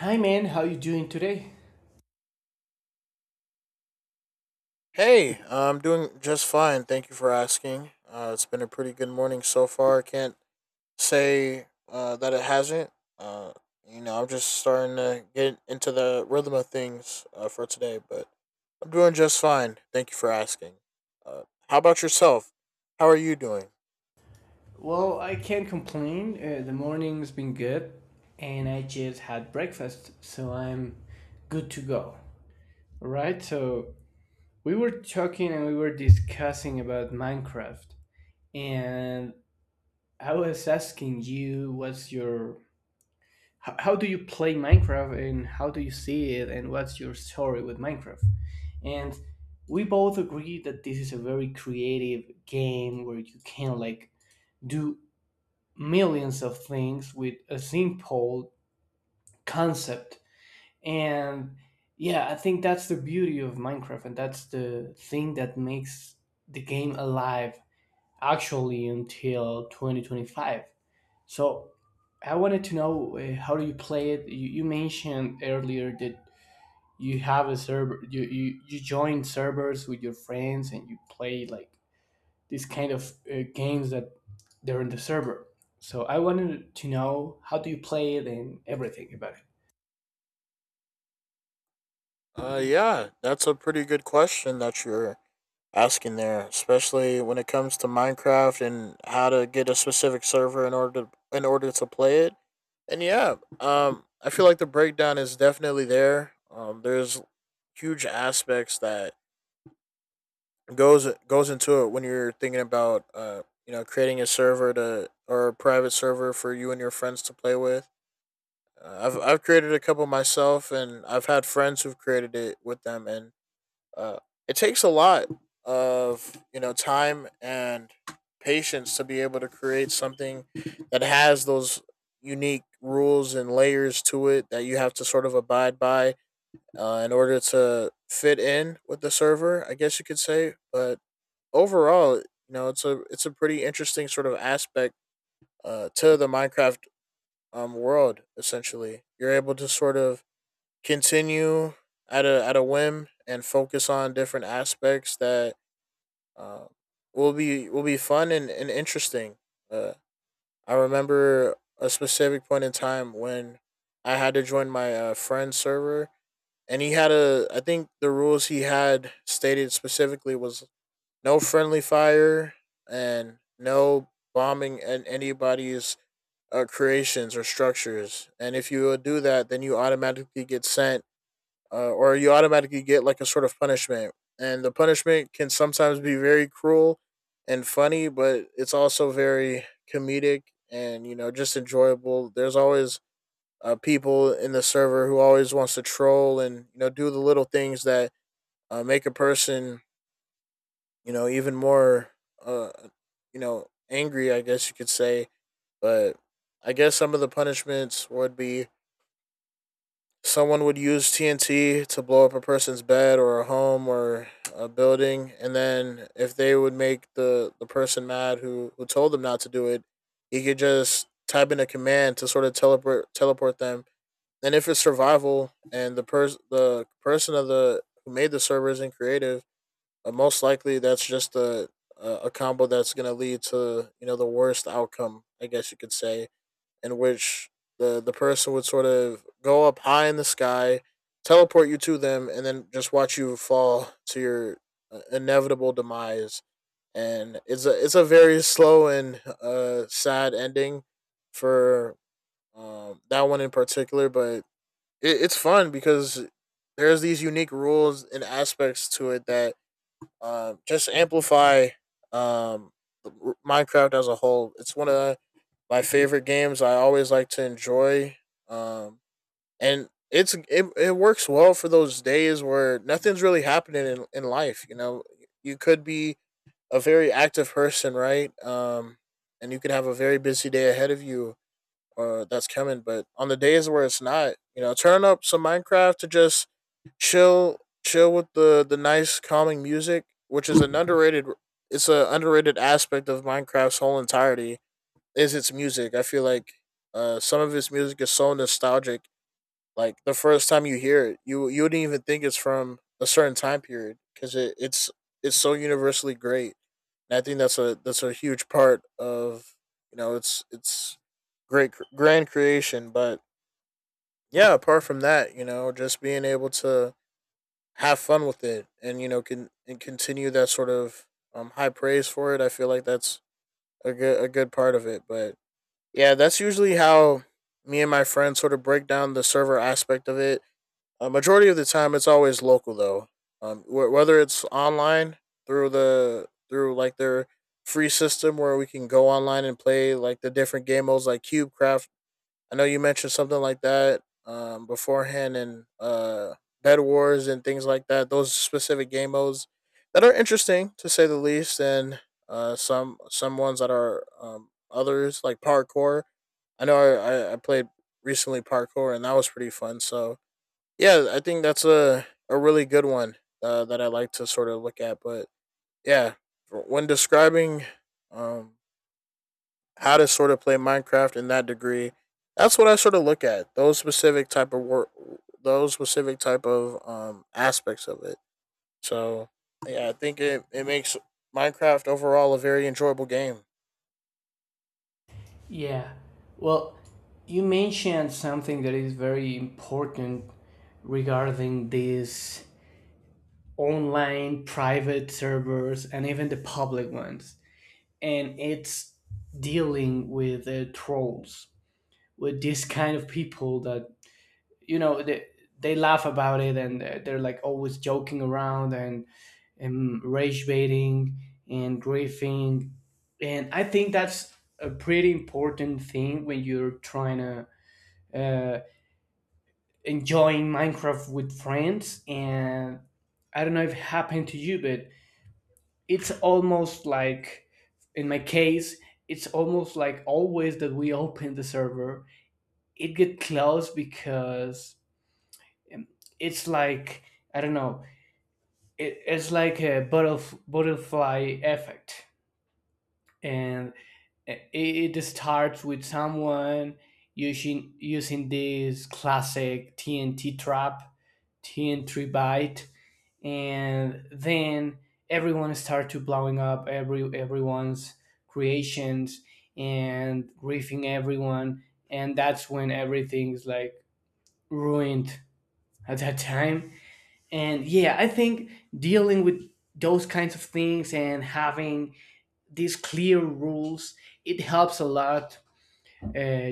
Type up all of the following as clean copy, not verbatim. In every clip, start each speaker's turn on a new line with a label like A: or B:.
A: Hi man, how you doing today?
B: Hey, I'm doing just fine. Thank you for asking. It's been a pretty good morning so far. I can't say that it hasn't. Uh, I'm just starting to get into the rhythm of things for today, but I'm doing just fine. Thank you for asking. Uh, how about yourself? How are you doing?
A: Well, I can't complain. The morning's been good, and I just had breakfast, so I'm good to go. Right? So we were talking and we were discussing about Minecraft, and I was asking you how do you play Minecraft and how do you see it and what's your story with Minecraft? And we both agreed that this is a very creative game where you can like do millions of things with a simple concept, and yeah, I think that's the beauty of Minecraft and that's the thing that makes the game alive actually until 2025. So I wanted to know, how do you play it? You mentioned earlier that you have a server, you join servers with your friends and you play like these kind of games that they're in the server. So I wanted to know how do you play it and everything about it.
B: Yeah, that's a pretty good question that you're asking there, especially when it comes to Minecraft and how to get a specific server in order to play it. And yeah, I feel like the breakdown is definitely there. There's huge aspects that goes into it when you're thinking about creating a server to or a private server for you and your friends to play with. I've created a couple myself, and I've had friends who've created it with them, and uh, it takes a lot of time and patience to be able to create something that has those unique rules and layers to it that you have to sort of abide by in order to fit in with the server, I guess you could say. But overall, you know, it's a pretty interesting sort of aspect to the Minecraft world. Essentially, you're able to sort of continue at a whim and focus on different aspects that uh, will be fun and interesting. Uh, I remember a specific point in time when I had to join my friend's server, and he had a. I think the rules he had stated specifically was no friendly fire and no bombing and anybody's creations or structures. And if you do that, then you automatically get like a sort of punishment. And the punishment can sometimes be very cruel and funny, but it's also very comedic and just enjoyable. There's always people in the server who always wants to troll and do the little things that make a person even more uh, angry, I guess you could say. But I guess some of the punishments would be, someone would use TNT to blow up a person's bed or a home or a building, and then if they would make the person mad who told them not to do it, he could just type in a command to sort of teleport them. And if it's survival and the person of the who made the server isn't creative, most likely that's just a combo that's gonna lead to the worst outcome, I guess you could say, in which the person would sort of go up high in the sky, teleport you to them, and then just watch you fall to your inevitable demise. And it's a very slow and sad ending for that one in particular, but it's fun because there's these unique rules and aspects to it that just amplify um, Minecraft as a whole. It's one of the my favorite games I always like to enjoy. Um, and it works well for those days where nothing's really happening in life. You know, you could be a very active person, right? And you could have a very busy day ahead of you that's coming. But on the days where it's not, you know, turn up some Minecraft to just chill, chill with the nice calming music, which is an underrated. It's an underrated aspect of Minecraft's whole entirety is its music. I feel like some of its music is so nostalgic. Like the first time you hear it, you wouldn't even think it's from a certain time period because it's so universally great. And I think that's a huge part of it's great grand creation. But yeah, apart from that, you know, just being able to have fun with it and you know can and continue that sort of high praise for it. I feel like that's a good part of it. But yeah, that's usually how me and my friends sort of break down the server aspect of it. A majority of the time, it's always local though. Whether it's online through the through like their free system where we can go online and play like the different game modes like Cube, I know you mentioned something like that beforehand, and Bed Wars and things like that. Those specific game modes that are interesting to say the least, and some ones that are others like parkour. I know I played recently parkour and that was pretty fun. So yeah, I think that's a really good one that I like to sort of look at. But yeah, when describing um, how to sort of play Minecraft in that degree, that's what I sort of look at, those specific type of work, those specific type of aspects of it. So yeah, I think it makes Minecraft overall a very enjoyable game.
A: Yeah. Well, you mentioned something that is very important regarding these online private servers and even the public ones. And it's dealing with trolls, with this kind of people that, you know, they laugh about it and they're like always joking around, and rage baiting and griefing. And I think that's a pretty important thing when you're trying to uh, enjoying Minecraft with friends. And I don't know if it happened to you, but it's almost like, in my case, it's almost like always that we open the server, it get closed because um, it's like, I don't know, it's like a butterfly effect, and it starts with someone using this classic TNT trap, TNT bite, and then everyone starts to blowing up everyone's creations and griefing everyone, and that's when everything's like ruined at that time. And yeah, I think dealing with those kinds of things and having these clear rules, it helps a lot. uh,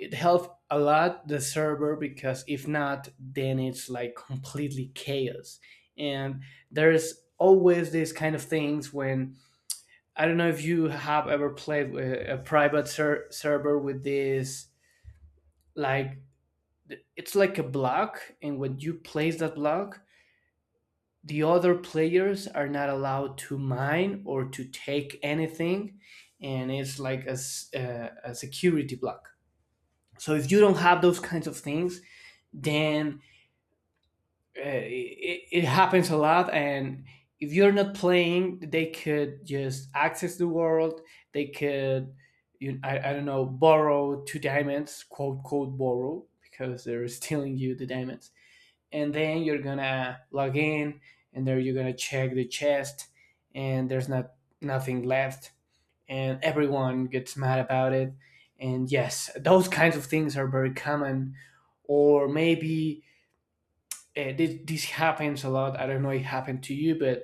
A: it helped a lot the server, because if not then it's like completely chaos. And there's always these kind of things when I don't know if you have ever played with a private server with this, like, it's like a block, and when you place that block the other players are not allowed to mine or to take anything, and it's like a security block. So if you don't have those kinds of things, then it happens a lot. And if you're not playing, they could just access the world, they could, I don't know, borrow two diamonds, quote quote borrow, because they're stealing you the diamonds, and then you're gonna log in and there you're gonna check the chest and there's not nothing left, and everyone gets mad about it. And yes, those kinds of things are very common. Or maybe, this happens a lot. I don't know if it happened to you, but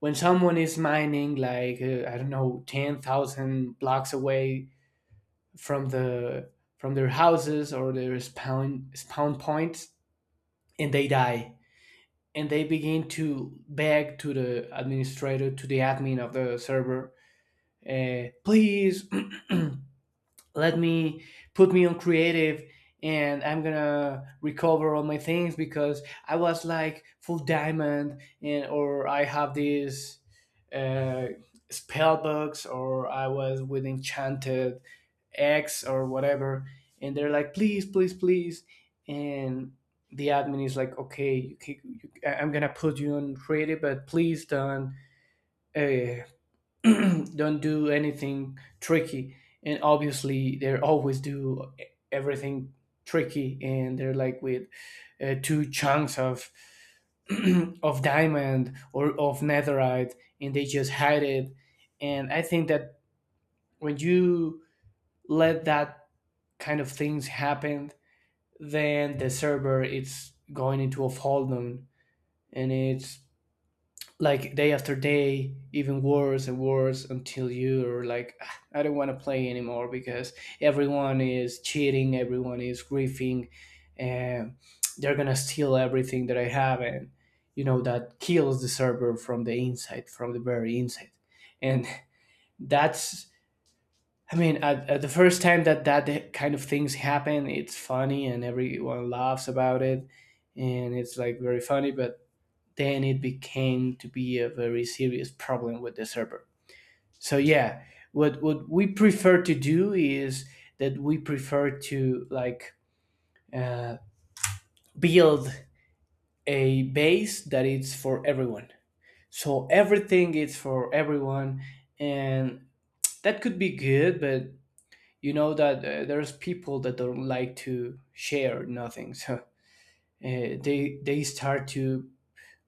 A: when someone is mining like, I don't know, 10,000 blocks away from the from their houses or their spawn points, and they die, and they begin to beg to the administrator, to the admin of the server, please, let me, put me on creative, and I'm gonna recover all my things because I was like full diamond and or I have these uh, spell books or I was with enchanted eggs or whatever, and they're like, please, please, please. And the admin is like, okay, you, ca- you, I- I'm gonna put you on creative but please don't, uh, don't do anything tricky. And obviously they always do everything tricky, and they're like with two chunks of of diamond or of netherite, and they just hide it. And I think that when you let that kind of things happen, then the server it's going into a fall down, and it's like day after day, even worse and worse, until you're like, "Ah, I don't want to play anymore because everyone is cheating, everyone is griefing, and they're gonna steal everything that I have," and you know that kills the server from the inside, from the very inside, and that's. I mean, at the first time that that kind of things happen, it's funny and everyone laughs about it, and it's like very funny. But then it became to be a very serious problem with the server. So yeah, what we prefer to do is that we prefer to like uh, build a base that it's for everyone. So everything is for everyone, and that could be good, but you know that there's people that don't like to share nothing, so they start to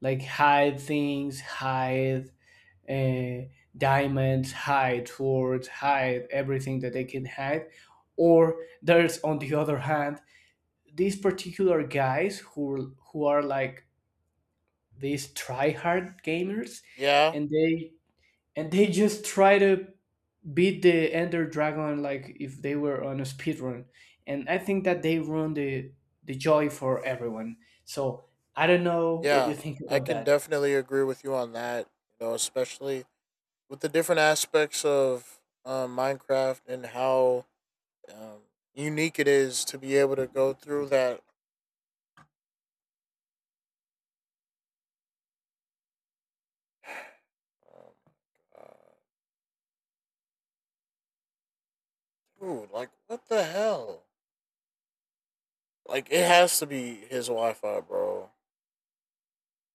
A: like hide things, hide uh, diamonds, hide swords, hide everything that they can hide. Or there's on the other hand these particular guys who are like these tryhard gamers,
B: Yeah,
A: and they and they just try to beat the Ender Dragon like if they were on a speed run, and I think that they ruin the joy for everyone. So I don't know what you
B: yeah,
A: think
B: I
A: about
B: can
A: that.
B: definitely agree with you on that. You know, especially with the different aspects of Minecraft and how um, unique it is to be able to go through that. Um, uh, Dude, like what the hell? Like it has to be his Wi Fi, bro.